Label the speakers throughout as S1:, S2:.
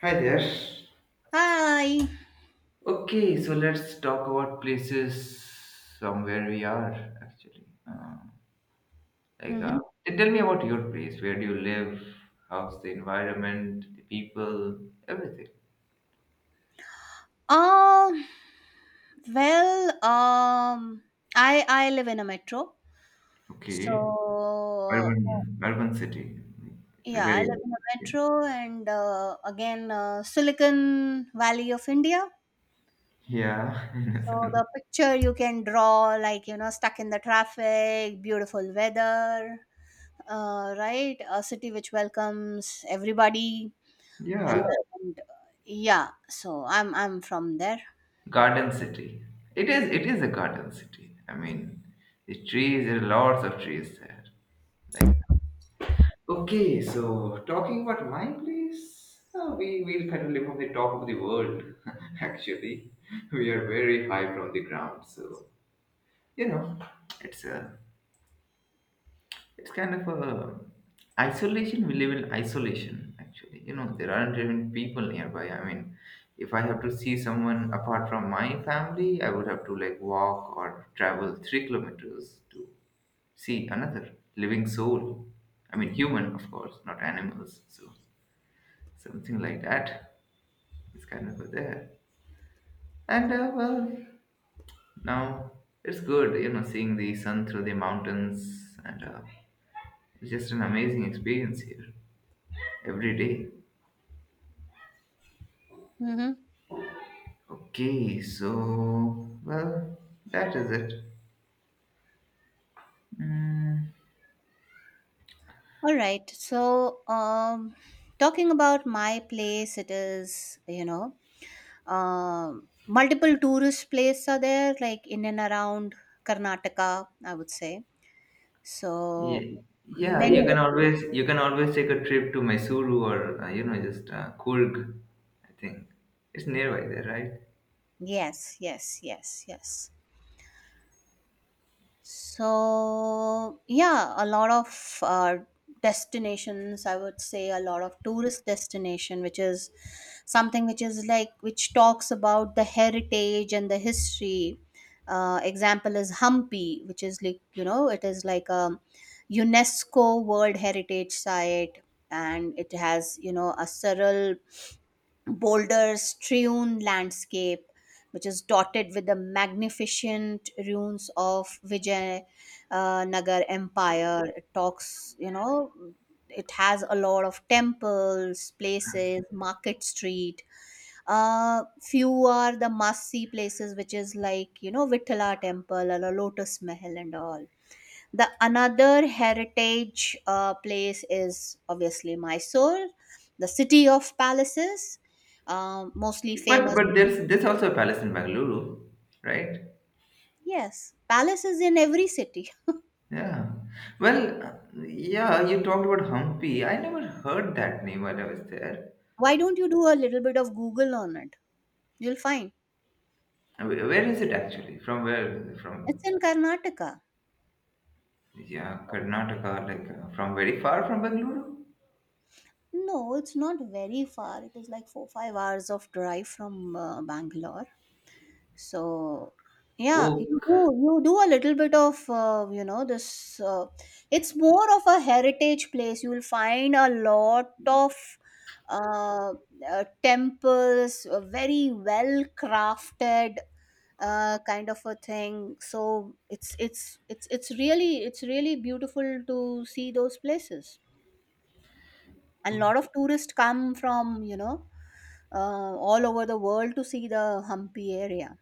S1: Hi there.
S2: Hi.
S1: Okay, so let's talk about places from where we are actually. Like, uh,
S2: Mm-hmm.
S1: Tell me about your place. Where do you live? How's the environment, the people, everything?
S2: Uh, well, um, I live in a metro,
S1: Okay,
S2: so
S1: urban, urban city, like
S2: yeah, I
S1: very.
S2: live in a metro, and again, Silicon Valley of India.
S1: Yeah, in a
S2: So
S1: sense.
S2: the picture you can draw, like you know, stuck in the traffic, beautiful weather, right? A city which welcomes everybody,
S1: Yeah,
S2: and yeah. So I'm from there.
S1: garden city. It is. It is a garden city. I mean, the trees. There are lots of trees there. Like okay, so talking about my place, we will kind of live on the top of the world. Actually, we are very high from the ground, so you know, it's a, it's kind of a isolation. We live in isolation. Actually, you know, there aren't even people nearby. I mean, if I have to see someone apart from my family, I would have to like walk or travel 3 kilometers to see another living soul. I mean, human, of course, not animals. So something like that. It's kind of there. And uh, well, Now it's good, you know, seeing the sun through the mountains, and it's just an amazing experience here every day.
S2: Mm-hmm.
S1: Okay, so well, that is it. Mm,
S2: All right. So, talking about my place, it is, you know, multiple tourist places are there, like in and around Karnataka, I would say.
S1: yeah,
S2: So,
S1: yeah,
S2: many. Yeah.
S1: you can always take a trip to Mysuru or you know just Coorg, I think it's nearby there, right?
S2: Yes, yes, yes, yes. So, yeah, a lot of destinations, I would say, a lot of tourist destination, which is something which is like which talks about the heritage and the history. Example is Hampi, which is like you know it is like a UNESCO world heritage site, and it has you know a several boulder strewn landscape, which is dotted with the magnificent ruins of Vijay Nagar empire. It talks, you know, it has a lot of temples, places, market street. Few are the must see places, which is like you know Vittala temple or Lotus Mahal and all. The another heritage place is obviously Mysore, the city of palaces, mostly
S1: But
S2: famous.
S1: but there's also a palace in Bangalore, right?
S2: Yes, palaces in every city.
S1: Yeah. Well, uh, yeah, you talked about Hampi. I never heard that name while I was there.
S2: Why don't you do a little bit of Google on it, you'll find.
S1: Where is it actually? From where? Is it from,
S2: It's in Karnataka.
S1: yeah, Karnataka, like from very far from Bangalore?
S2: No, it's not very far, it is like 4 5 hours of drive from Bangalore. So yeah,
S1: Oh,
S2: you do a little bit of you know this. It's more of a heritage place. You will find a lot of uh, temples, very well crafted kind of a thing. So it's really beautiful to see those places. And a lot of tourists come from you know uh, all over the world to see the Hampi area.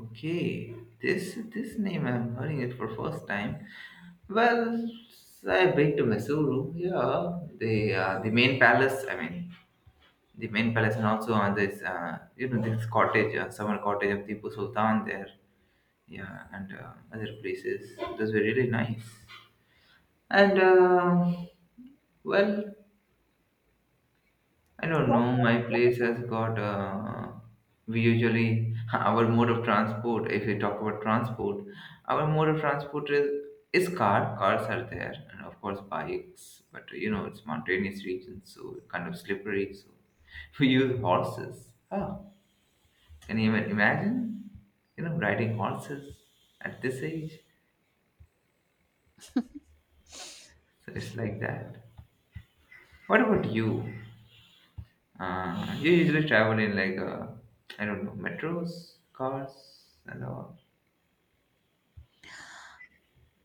S1: okay. This name I'm hearing it for first time. Well, I've been to Mysuru. Yeah, the main palace. I mean, the main palace, and also on this, you know, this cottage, summer cottage of Tipu Sultan there. Yeah, and other places. Those were really nice. And uh, well, I don't know. My place has got. We usually our mode of transport. If we talk about transport, our mode of transport is car. Cars are there, and of course bikes. But you know, it's mountainous region, so kind of slippery. So we use horses. Oh, can you even imagine? You know, riding horses at this age. So it's like that. What about you? You usually travel in like I don't know metros, cars, and all.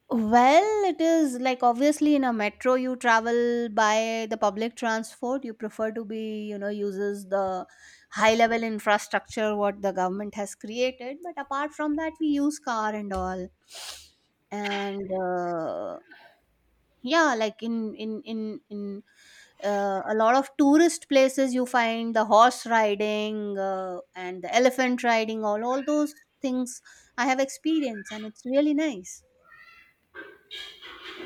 S2: Well, it is like obviously in a metro you travel by the public transport. You prefer to be, you know, uses the high level infrastructure what the government has created. But apart from that, we use car and all. And Yeah, like in a lot of tourist places, you find the horse riding and the elephant riding. All those things I have experienced, and it's really nice.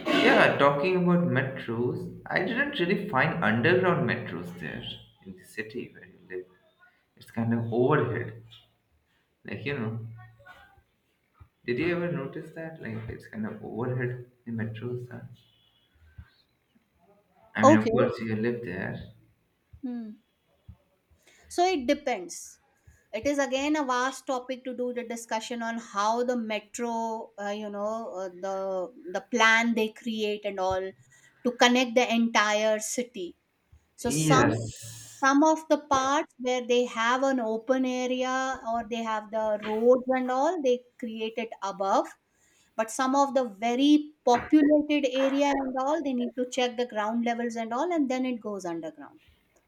S1: Yeah, talking about metros, I didn't really find underground metros there in the city where you live. It's kind of overhead. Like you know, did you ever notice that? Like it's kind of overhead the metros. Are. I mean, of
S2: Okay.
S1: course, you live there.
S2: Hmm. So it depends. It is again a vast topic to do the discussion on how the metro, you know, the plan they create and all to connect the entire city. So some
S1: Yes.
S2: some of the parts where they have an open area or they have the roads and all, they create it above. But some of the very populated area and all, they need to check the ground levels and all, and then it goes underground.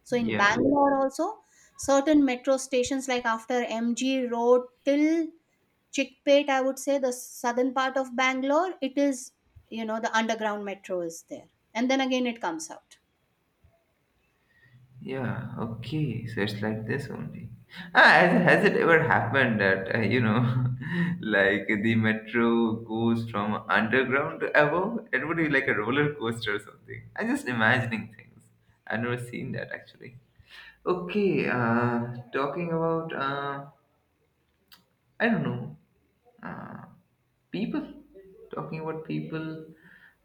S2: So in
S1: Yeah.
S2: Bangalore also, certain metro stations like after MG Road till Chickpet, I would say the southern part of Bangalore, it is, you know, the underground metro is there, and then again it comes out.
S1: Yeah, okay. So it's like this only. Ah, has it ever happened that, you know, like the metro goes from underground to above? It would be like a roller coaster or something. I'm just imagining things. I've never seen that actually. Okay, talking about, I don't know, uh, people. Talking about people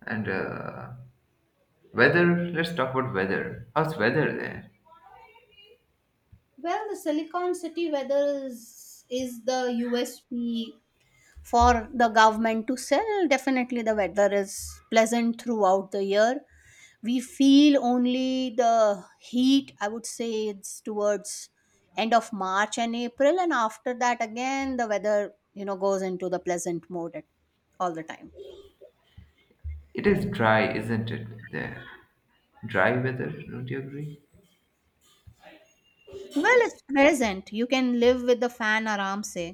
S1: and weather. Let's talk about weather. How's weather there?
S2: Well, the Silicon City weather is the USP for the government to sell. Definitely the weather is pleasant throughout the year. We feel only the heat, I would say it's towards end of March and April, and after that again the weather, you know, goes into the pleasant mode at all the time.
S1: It is dry, isn't it? There. Dry weather, don't you agree?
S2: Well, it's present, you can live with the fan, aram say,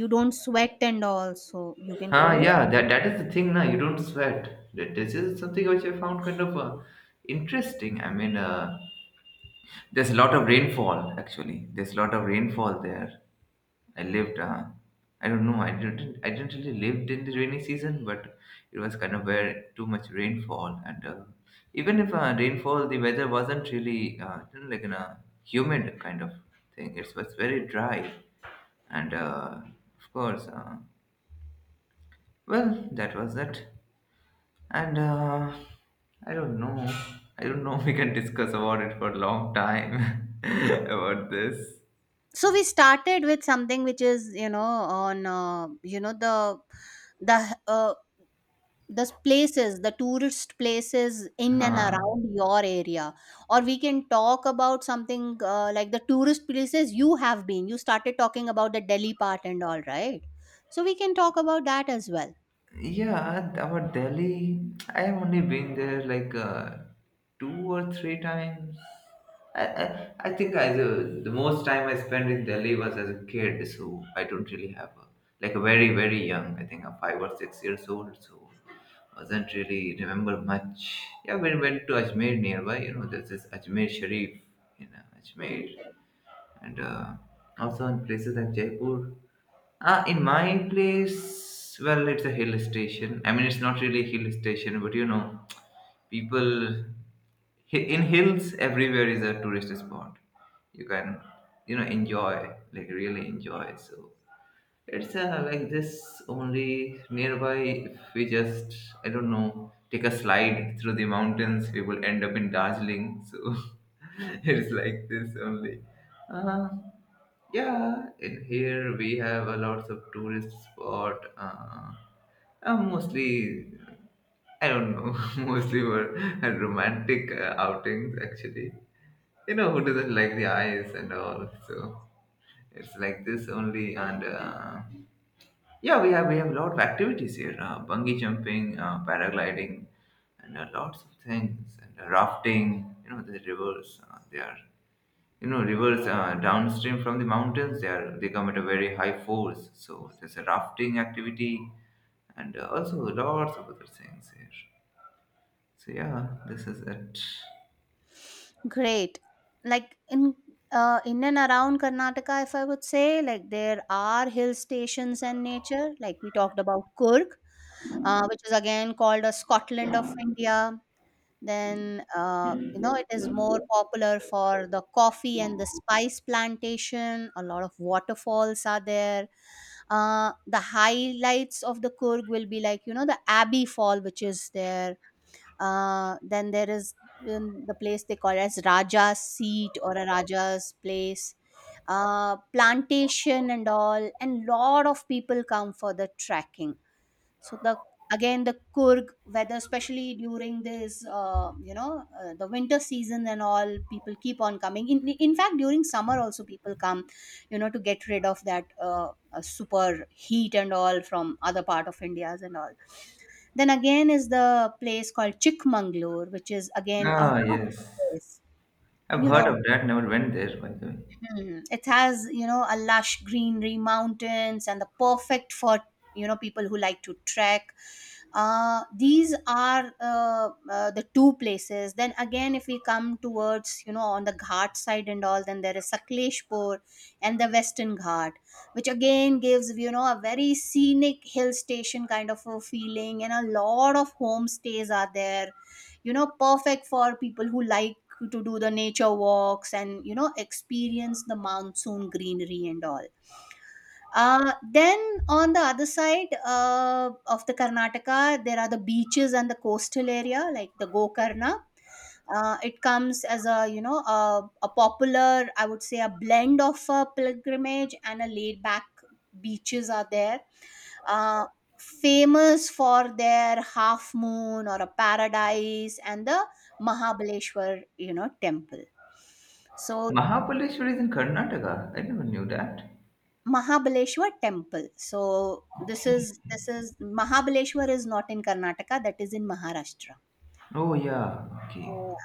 S2: you don't sweat and all, so you can call
S1: Huh,
S2: it.
S1: yeah, that, that is the thing now. You don't sweat. That, this is something which I found kind of interesting. There's a lot of rainfall actually. There's a lot of rainfall there. I lived. I don't know. I didn't. I didn't really lived in the rainy season, but it was kind of where too much rainfall, and even if rainfall, the weather wasn't really you know, like in a humid kind of thing. It was very dry, and of course, that was it. And I don't know. I don't know. We can discuss about it for a long time about this.
S2: So we started with something which is you know on you know the uh, the places, the tourist places in and
S1: Huh.
S2: around your area, or we can talk about something like the tourist places you have been. You started talking about the Delhi part and all right, so we can talk about that as well.
S1: Yeah, about Delhi, I have only been there like two or three times. I think I the most time I spent in Delhi was as a kid, so I don't really have a, like a very very young. I think I'm 5 or 6 years old, so was not really remember much. Yeah, we went to Ajmer nearby. You know, there's this Ajmer Sharif in Ajmer, and also in places like Jaipur. Ah, in my place, well, it's a hill station. I mean, it's not really a hill station, but you know, people in hills everywhere is a tourist spot. You can, you know, enjoy, like really enjoy. So it's like this only nearby. If we just, I don't know, take a slide through the mountains, we will end up in Darjeeling. So it's like this only. Uh, yeah, in here we have a lots of tourist spot. Mostly, I don't know, mostly were romantic outings actually. You know who doesn't like the eyes and all. So it's like this only. And Yeah, we have a lot of activities here: bungee jumping, paragliding, and lots of things, and rafting. You know the rivers. They are you know rivers downstream from the mountains they come at a very high force, so there's a rafting activity and also lots of other things here. So yeah, this is it.
S2: Great. Like in and around Karnataka, if I would say, like there are hill stations and nature, like we talked about Kurg, which is again called a Scotland of India. Then you know it is more popular for the coffee and the spice plantation, a lot of waterfalls are there. The highlights of the Kurg will be like you know the Abbey Fall, which is there. Then there is the place they call as Raja's Seat or a Raja's place, plantation and all, and lot of people come for the trekking. So the again the Kurg weather, especially during this, you know, the winter season and all, people keep on coming. In fact, during summer also people come, you know, to get rid of that super heat and all from other part of India's and all. Then again is the place called Chikmagalur, which is again a
S1: Ah
S2: hot
S1: yes,
S2: place.
S1: I've
S2: You
S1: heard
S2: know.
S1: of that, never went there by the way.
S2: Hmm. It has, you know, a lush greenery, mountains, and the perfect for, you know, people who like to trek. These are the two places. Then again, if we come towards, you know, on the Ghat side and all, then there is Sakleshpur and the Western Ghat, which again gives, you know, a very scenic hill station kind of a feeling, and a lot of homestays are there, you know, perfect for people who like to do the nature walks and you know experience the monsoon greenery and all. Then on the other side of the Karnataka, there are the beaches and the coastal area, like the Gokarna. It comes as a you know a popular, I would say, a blend of a pilgrimage and a laid back beaches are there, uh, famous for their half moon or a paradise and the Mahabaleshwar, you know, temple. So
S1: Mahabaleshwar is in Karnataka, I never knew that.
S2: Mahabaleshwar temple. So this is Mahabaleshwar is not in Karnataka, that is in Maharashtra.
S1: Oh yeah, okay.
S2: Oh.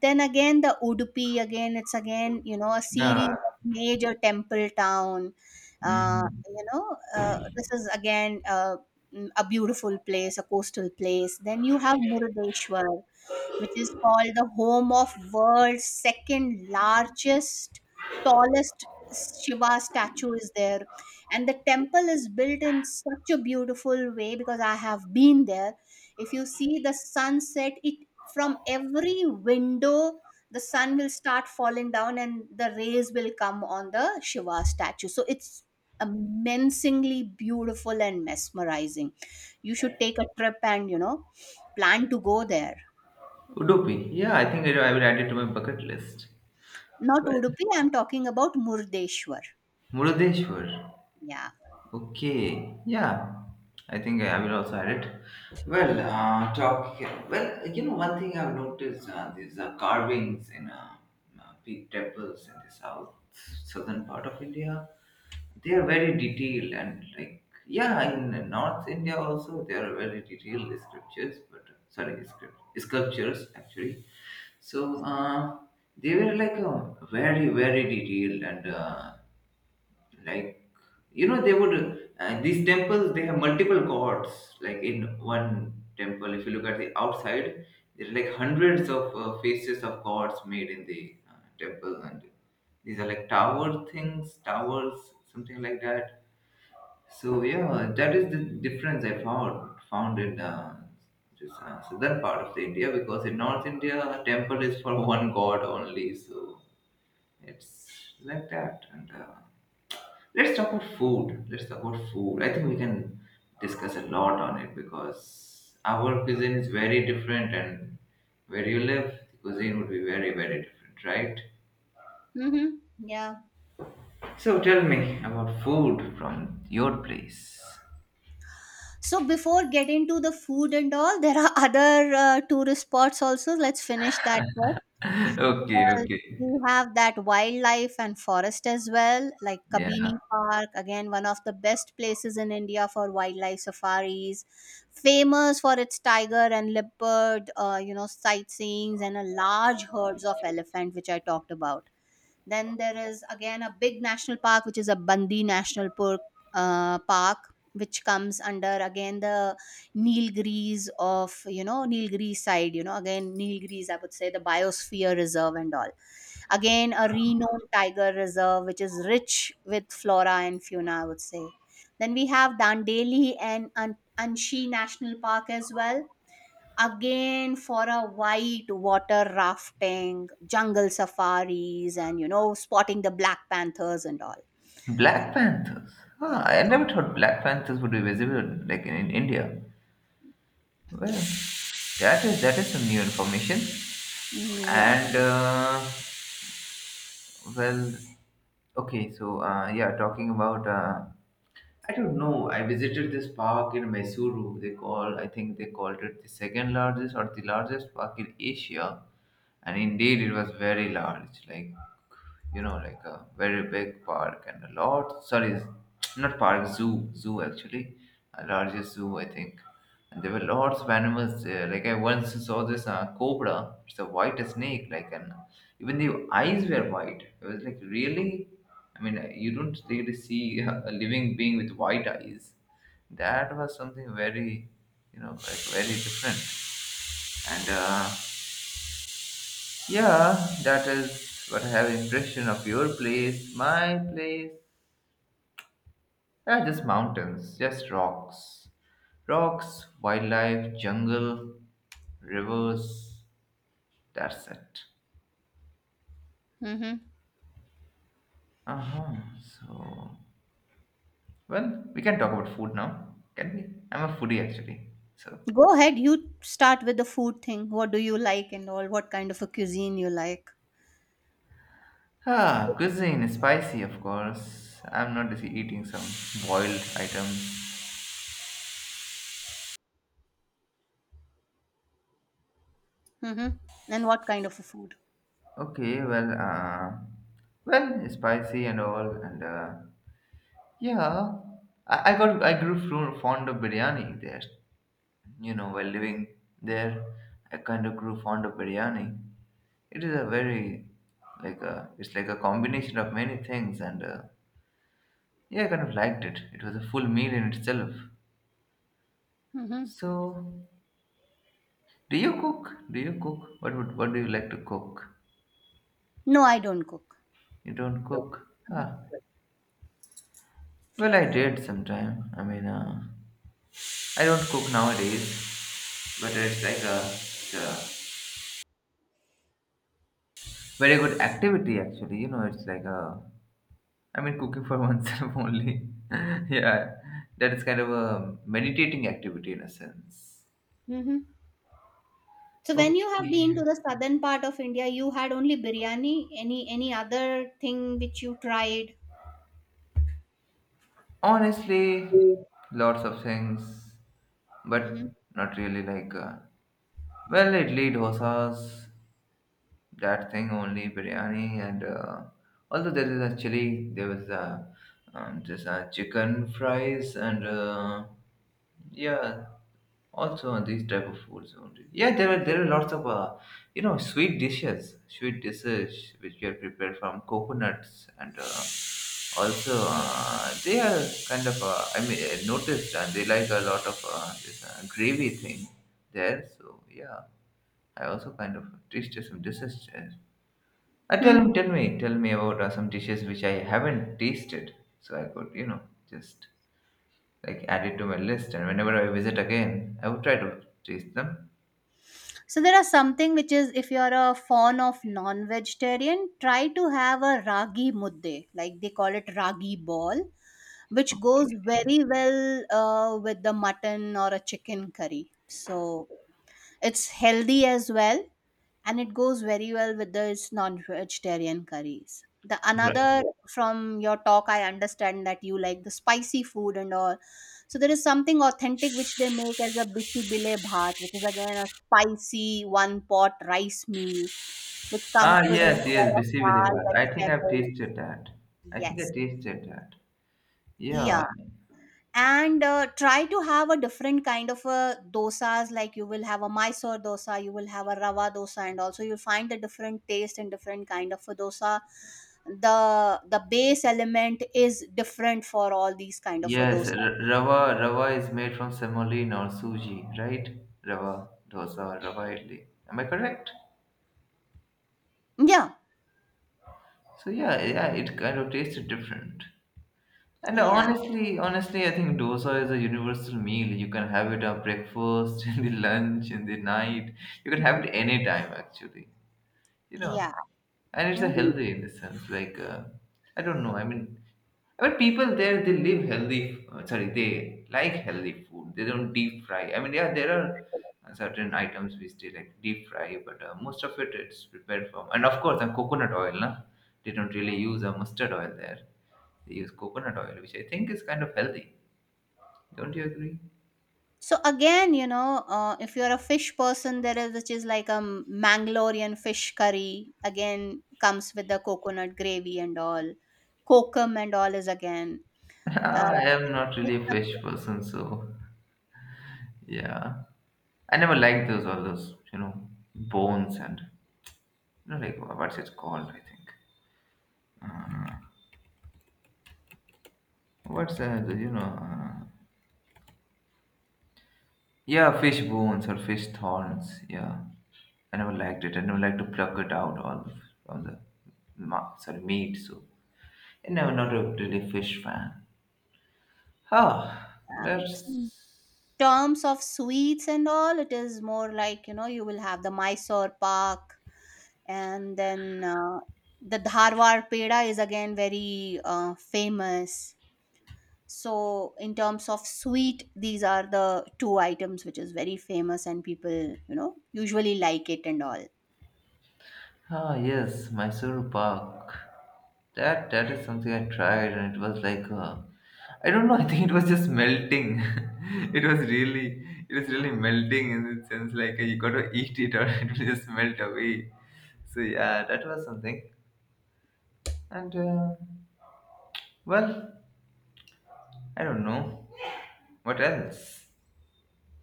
S2: Then again, the Udupi, again, it's again, you know, a
S1: Yeah.
S2: series of major temple town.
S1: mm.
S2: You know, this is again a beautiful place, a coastal place. Then you have Murudeeshwar, which is called the home of world's second largest, tallest Shiva statue is there. And the temple is built in such a beautiful way because I have been there. If you see the sunset, it from every window the sun will start falling down and the rays will come on the Shiva statue. So it's amazingly beautiful and mesmerizing. You should take a trip and you know plan to go there.
S1: Udupi, yeah, I think I will add it to my bucket list.
S2: Not
S1: Well,
S2: Udupi, I'm talking about Murdeshwar.
S1: Murudeshwar.
S2: Yeah.
S1: Okay, yeah, I think I will also add it. Well, talk. Well, you know, one thing I've noticed these carvings in big temples in the south southern part of India. They are very detailed and like yeah, in North India also they are very detailed scriptures, but sorry, script sculptures actually. So they were like very very detailed and. Like you know they would these temples they have multiple gods like in one temple, if you look at the outside, there are like hundreds of faces of gods made in the temple, and these are like tower things, towers, something like that. So yeah, that is the difference I found found in this southern part of the India, because in North India a temple is for one god only. So it's like that, and let's talk about food. Let's talk about food. I think we can discuss a lot on it because our cuisine is very different, and where you live, the cuisine would be very, very different, right?
S2: Mm-hmm. Yeah.
S1: So tell me about food from your place.
S2: So before getting to the food and all, there are other tourist spots also. Let's finish that first
S1: Okay,
S2: because
S1: okay.
S2: we have that wildlife and forest as well, like
S1: Yeah.
S2: Kabini Park, again, one of the best places in India for wildlife safaris, famous for its tiger and leopard, you know, sightseeings and a large herds of elephant, which I talked about. Then there is again a big national park, which is a Bandi National Park, uh, park which comes under again the Nilgiris of you know Nilgiris side. You know again Nilgiris, I would say the biosphere reserve and all. Again a renowned tiger reserve, which is rich with flora and fauna, I would say. Then we have Dandeli and Anshi National Park as well, again for a white water rafting, jungle safaris, and you know, spotting the black panthers and all.
S1: Black Panthers. Ah,
S2: Yes,
S1: I never thought Black Panthers would be visible like in India. Well,
S2: yes.
S1: that is some new information.
S2: Yeah.
S1: And uh, Well, okay, so yeah, talking about I don't know. I visited this park in Mysuru. They call I think they called it the second largest or the largest park in Asia, and indeed it was very large. Like you know, like a very big park and a lot. Sorry, not park, zoo, zoo actually, a largest zoo I think. And there were lots of animals there. Like I once saw this cobra. It's a white snake, like an even the eyes were white. I was like, really? I mean, you don't really see a living being with white eyes. That was something very, you know, like very different. And Yeah, that is what I have impression of your place, my place. Yeah, just mountains, just rocks, rocks, wildlife, jungle, rivers. That's it.
S2: Mm-hmm.
S1: Uh huh. So well, we can talk about food now, can we? I'm a foodie actually. So,
S2: Go ahead. You start with the food thing. What do you like and all? What kind of a cuisine you like?
S1: ah, cuisine, spicy, of course. I'm not just eating some boiled items.
S2: Mm-hmm. And what kind of a food?
S1: Okay, spicy and all, and yeah, I grew fond of biryani there. You know, while living there, I kind of grew fond of biryani. It is a very, it's like a combination of many things, and yeah, I kind of liked it. It was a full meal in itself.
S2: Mm-hmm.
S1: So, do you cook? Do you cook? What do you like to cook?
S2: No, I don't cook.
S1: You don't cook? Ah, well, I did sometime. I don't cook nowadays, but it's a very good activity actually. You know, it's like a I mean, cooking for oneself only. Yeah, that is kind of a meditating activity in a sense.
S2: Mm-hmm. So when you have been to
S1: Okay.
S2: the southern part of India, you had only biryani. Any other thing which you tried?
S1: Honestly, lots of things,
S2: Mm-hmm.
S1: but not really like. Idli, dosas, that thing only, biryani, and although there is actually there was this chicken fries and yeah, also on these type of foods only, yeah, there are lots of sweet dishes, which are prepared from coconuts. And also they are kind of I mean, I noticed, and they like a lot of this gravy thing there. So yeah, I also kind of tasted some dishes there. Tell me tell me about some dishes which I haven't tasted, so I could, just, like, add it to my list, and whenever I visit again, I would try to taste them.
S2: So there are something which is, if you're a fan of non-vegetarian, try to have a ragi mudde, like they call it ragi ball, which goes
S1: Okay.
S2: very well with the mutton or a chicken curry. So it's healthy as well, and it goes very well with this non-vegetarian curries. The
S1: Right.
S2: another, from your talk, I understand that you like the spicy food and all. So there is something authentic which they make as a bisi bile bhat, which is again a spicy one-pot rice meal, which comes
S1: Ah,
S2: with a
S1: yes, yes,
S2: lot of
S1: Bisi
S2: dal,
S1: Bilibat. I think I've
S2: vegetables.
S1: tasted that. I think I
S2: Yes.
S1: tasted that.
S2: Yeah.
S1: Yeah.
S2: and Try to have a different kind of dosas, like you will have a Mysore dosa, you will have a rava dosa, and also you'll find the different taste and different kind of a dosa. The base element is different for all these kind of a
S1: Yes,
S2: dosa.
S1: rava is made from semolina or suji, right? Rava dosa, rava idli. Am I correct?
S2: Yeah,
S1: So yeah, yeah, it kind of tasted different. And
S2: yeah,
S1: honestly, I think dosa is a universal meal. You can have it at breakfast, in the lunch, in the night. You can have it any time, actually. You know,
S2: yeah.
S1: and it's a
S2: Mhm.
S1: healthy in the sense. I don't know. I mean, but people there, they live healthy. Sorry, they like healthy food. They don't deep fry. I mean, yeah, there are certain items which they like deep fry, but most of it it's prepared from. And of course, and coconut oil, na? They don't really use mustard oil there. They use coconut oil, which I think is kind of healthy. Don't you agree?
S2: So again, you know, if you're a fish person, there is, which is like a Mangalorean fish curry, again comes with the coconut gravy and all, kokum and all is again.
S1: I
S2: Uh,
S1: am not
S2: there's
S1: really a fish
S2: some-
S1: person, so yeah. I never liked those, all those, bones, and what's it called? I think. Uh, What's that? Yeah, fish bones or fish thorns. Yeah, I never liked it. I never like to pluck it out all from the sorry, meat. So I never, not a really fish fan. Huh? Let's...
S2: um, terms of sweets and all, it is more like, you know, you will have the Mysore Pak, and then the Dharwar Peda is again very famous. So in terms of sweet, these are the two items which is very famous and people, you know, usually like it and all.
S1: Ah, yes, Mysore Pak. That is something I tried, and it was like, I don't know. I think it was just melting. It was really, melting, in the sense like you got to eat it or it will just melt away. So yeah, that was something. And well, I don't know what else.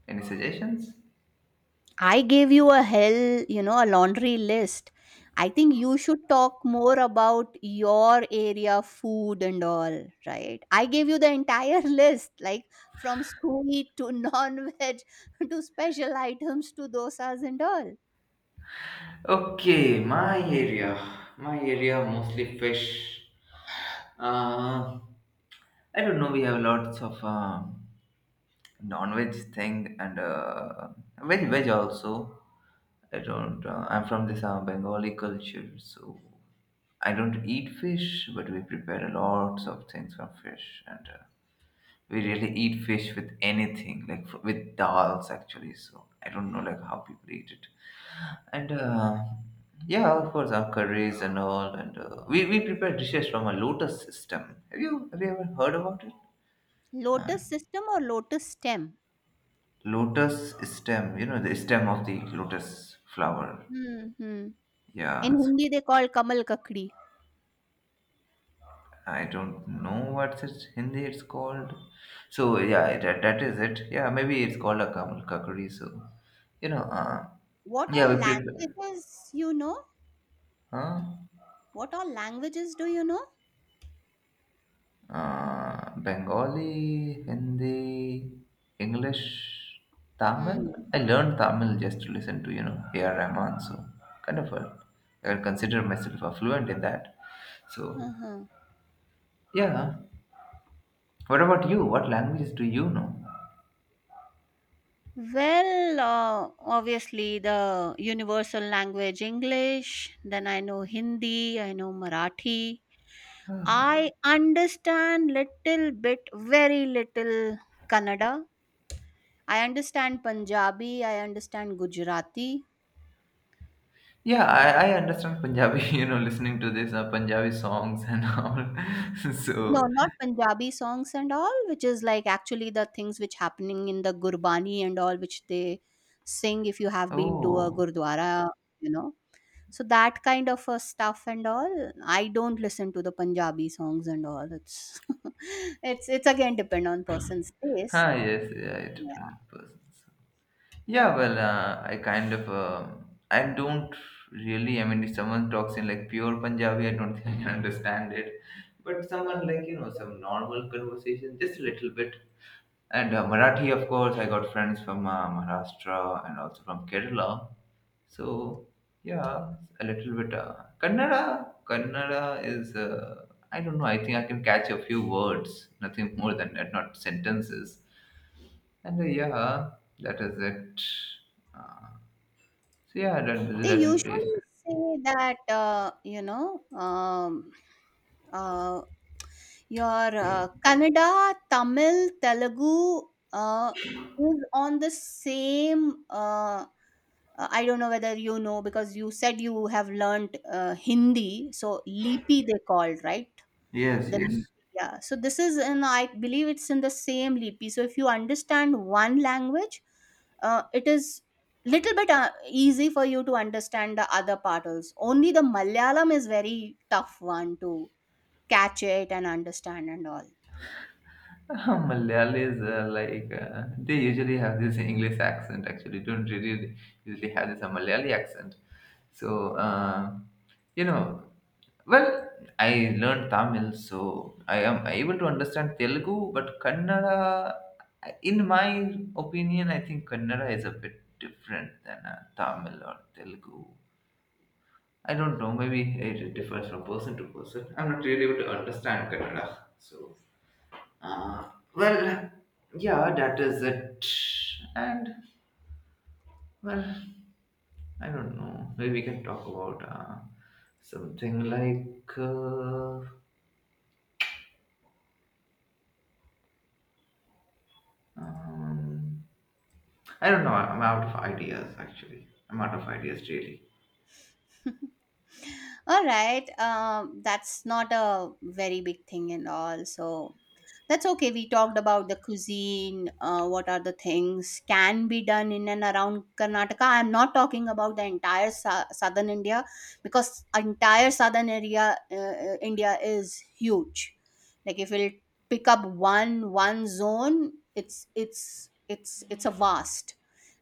S1: Any suggestions?
S2: I gave you a hell, you know, a laundry list. I think you should talk more about your area food and all, right? I gave you the entire list, like from sweet to non-veg to special items to dosas and all.
S1: Okay, my area mostly fish. Uh, I don't know. We have lots of non-veg thing, and veg, also. I don't. I'm from this Bengali culture, so I don't eat fish, but we prepare lots of things from fish, and we really eat fish with anything, like with dals actually. So I don't know like how people eat it. And yeah, of course, our curries and all. And we prepare dishes from a lotus stem. Have you ever heard about it? uh,
S2: Lotus system or lotus stem?
S1: Lotus stem, you know, the stem of the lotus flower.
S2: Hmm. In
S1: Yeah, so
S2: Hindi, they call kamal kakdi.
S1: I don't know what's it Hindi it's called. So yeah, that is it. Yeah, maybe it's called a kamal kakri. So you know uh,
S2: What
S1: yeah, we
S2: all
S1: prepare.
S2: languages you know?
S1: Huh?
S2: What all languages do you know?
S1: Bengali, Hindi, English, Tamil.
S2: Hmm.
S1: I learned Tamil just to listen to, you know, A.R. Rahman. So, kind of, a, I consider myself a fluent in that. So,
S2: Uh-huh.
S1: yeah. What about you? What languages do you know?
S2: Well, obviously, the universal language English, then I know Hindi, I know Marathi. I understand little bit, very little Kannada. I understand Punjabi, I understand Gujarati.
S1: Yeah, I understand Punjabi, you know, listening to this Punjabi songs and all.
S2: No,
S1: So,
S2: not Punjabi songs and all, which is like actually the things which happening in the Gurbani and all, which they sing if you have been to a
S1: oh,
S2: Gurdwara, you know. So that kind of a stuff and all, I don't listen to the Punjabi songs and all. It's it's again depend on person's taste.
S1: ah,
S2: So
S1: yes, yeah,
S2: yeah,
S1: different persons. Yeah, well, I kind of, I don't really. I mean, if someone talks in like pure Punjabi, I don't think I can understand it. But someone, like, you know, some normal conversation, just a little bit. And Marathi, of course, I got friends from Maharashtra and also from Kerala. So yeah, a little bit. Kannada is. I don't know. I think I can catch a few words, nothing more than that, not sentences. And yeah, that is it. Uh, so yeah, that
S2: they
S1: that the place.
S2: usually say that you know, uh, your Kannada, Tamil, Telugu uh, is on the same. I don't know whether you know, because you said you have learnt Hindi, so Lipi they called, right?
S1: Yes,
S2: The mhm.
S1: yes.
S2: Yeah, so this is in, I believe it's in the same lipi, so if you understand one language, it is little bit easy for you to understand the other part also. Only the Malayalam is very tough one to catch it and understand and all.
S1: Malayalis like, they usually have this English accent. Actually, don't really usually have this Malayali accent. So you know, well, I learned Tamil, so I am able to understand Telugu, but Kannada, in my opinion, I think Kannada is a bit different than Tamil or Telugu. I don't know. Maybe it differs from person to person. I'm not really able to understand Kannada. So, uh, well, yeah, that is it. And, well, I don't know. Maybe we can talk about something like, um, I don't know. I'm out of ideas actually. I'm out of ideas really.
S2: All right, that's not a very big thing and all, so that's okay. We talked about the cuisine, what are the things can be done in and around Karnataka. I'm not talking about the entire southern India, because entire southern area India is huge. Like if we'll pick up one zone, it's it's a vast.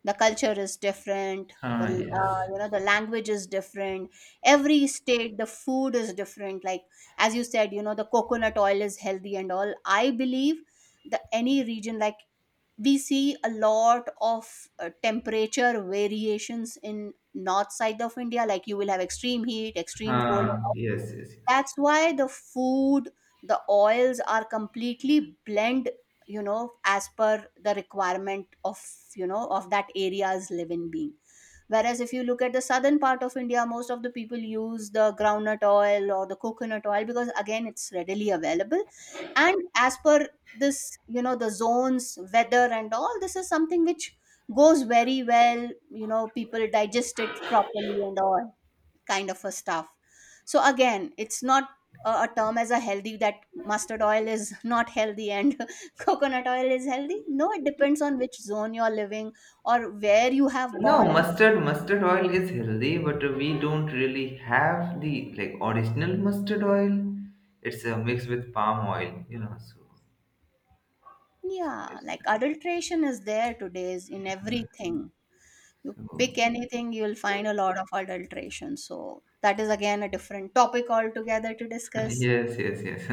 S2: The culture is different. The,
S1: Ah, yes.
S2: you know, the language is different. Every state, the food is different. Like as you said, you know, the coconut oil is healthy and all, I believe the any region, like we see a lot of temperature variations in north side of India, like you will have extreme heat, extreme cold.
S1: Ah, yes, yes, yes.
S2: That's why the food, the oils are completely blend, you know, as per the requirement of, you know, of that area's living being. Whereas if you look at the southern part of India, most of the people use the groundnut oil or the coconut oil because again it's readily available. And as per this, you know, the zones, weather and all, this is something which goes very well, you know, people digest it properly and all kind of a stuff. So again, it's not a, a term as a healthy that mustard oil is not healthy and coconut oil is healthy. No, it depends on which zone you're living or where you have
S1: No,
S2: born and.
S1: mustard oil is healthy, but we don't really have the like original mustard oil. It's a mix with palm oil, you know. So, so
S2: Yeah,
S1: it's,
S2: like adulteration is there today's in everything. You
S1: uh,
S2: pick
S1: so
S2: anything, you'll find a lot of adulteration. So that is again a different topic altogether to discuss.
S1: yes, yes, yes.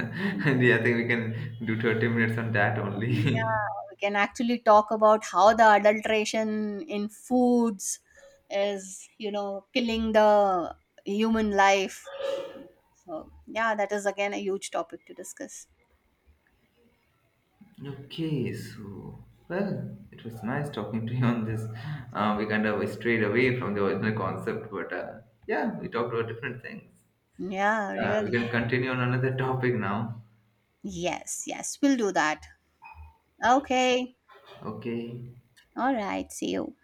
S1: And yeah, I think we can do 30 minutes on that
S2: And
S1: only.
S2: yeah, we can actually talk about how the adulteration in foods is, you know, killing the human life. So yeah, that is again a huge topic to discuss.
S1: Okay, so, well, it was nice talking to you on this. We kind of strayed away from the original concept, but yeah, we talked about different things.
S2: Yeah,
S1: We
S2: really.
S1: can continue on another topic now.
S2: Yes, yes, we'll do that. Okay.
S1: Okay.
S2: All right. See you.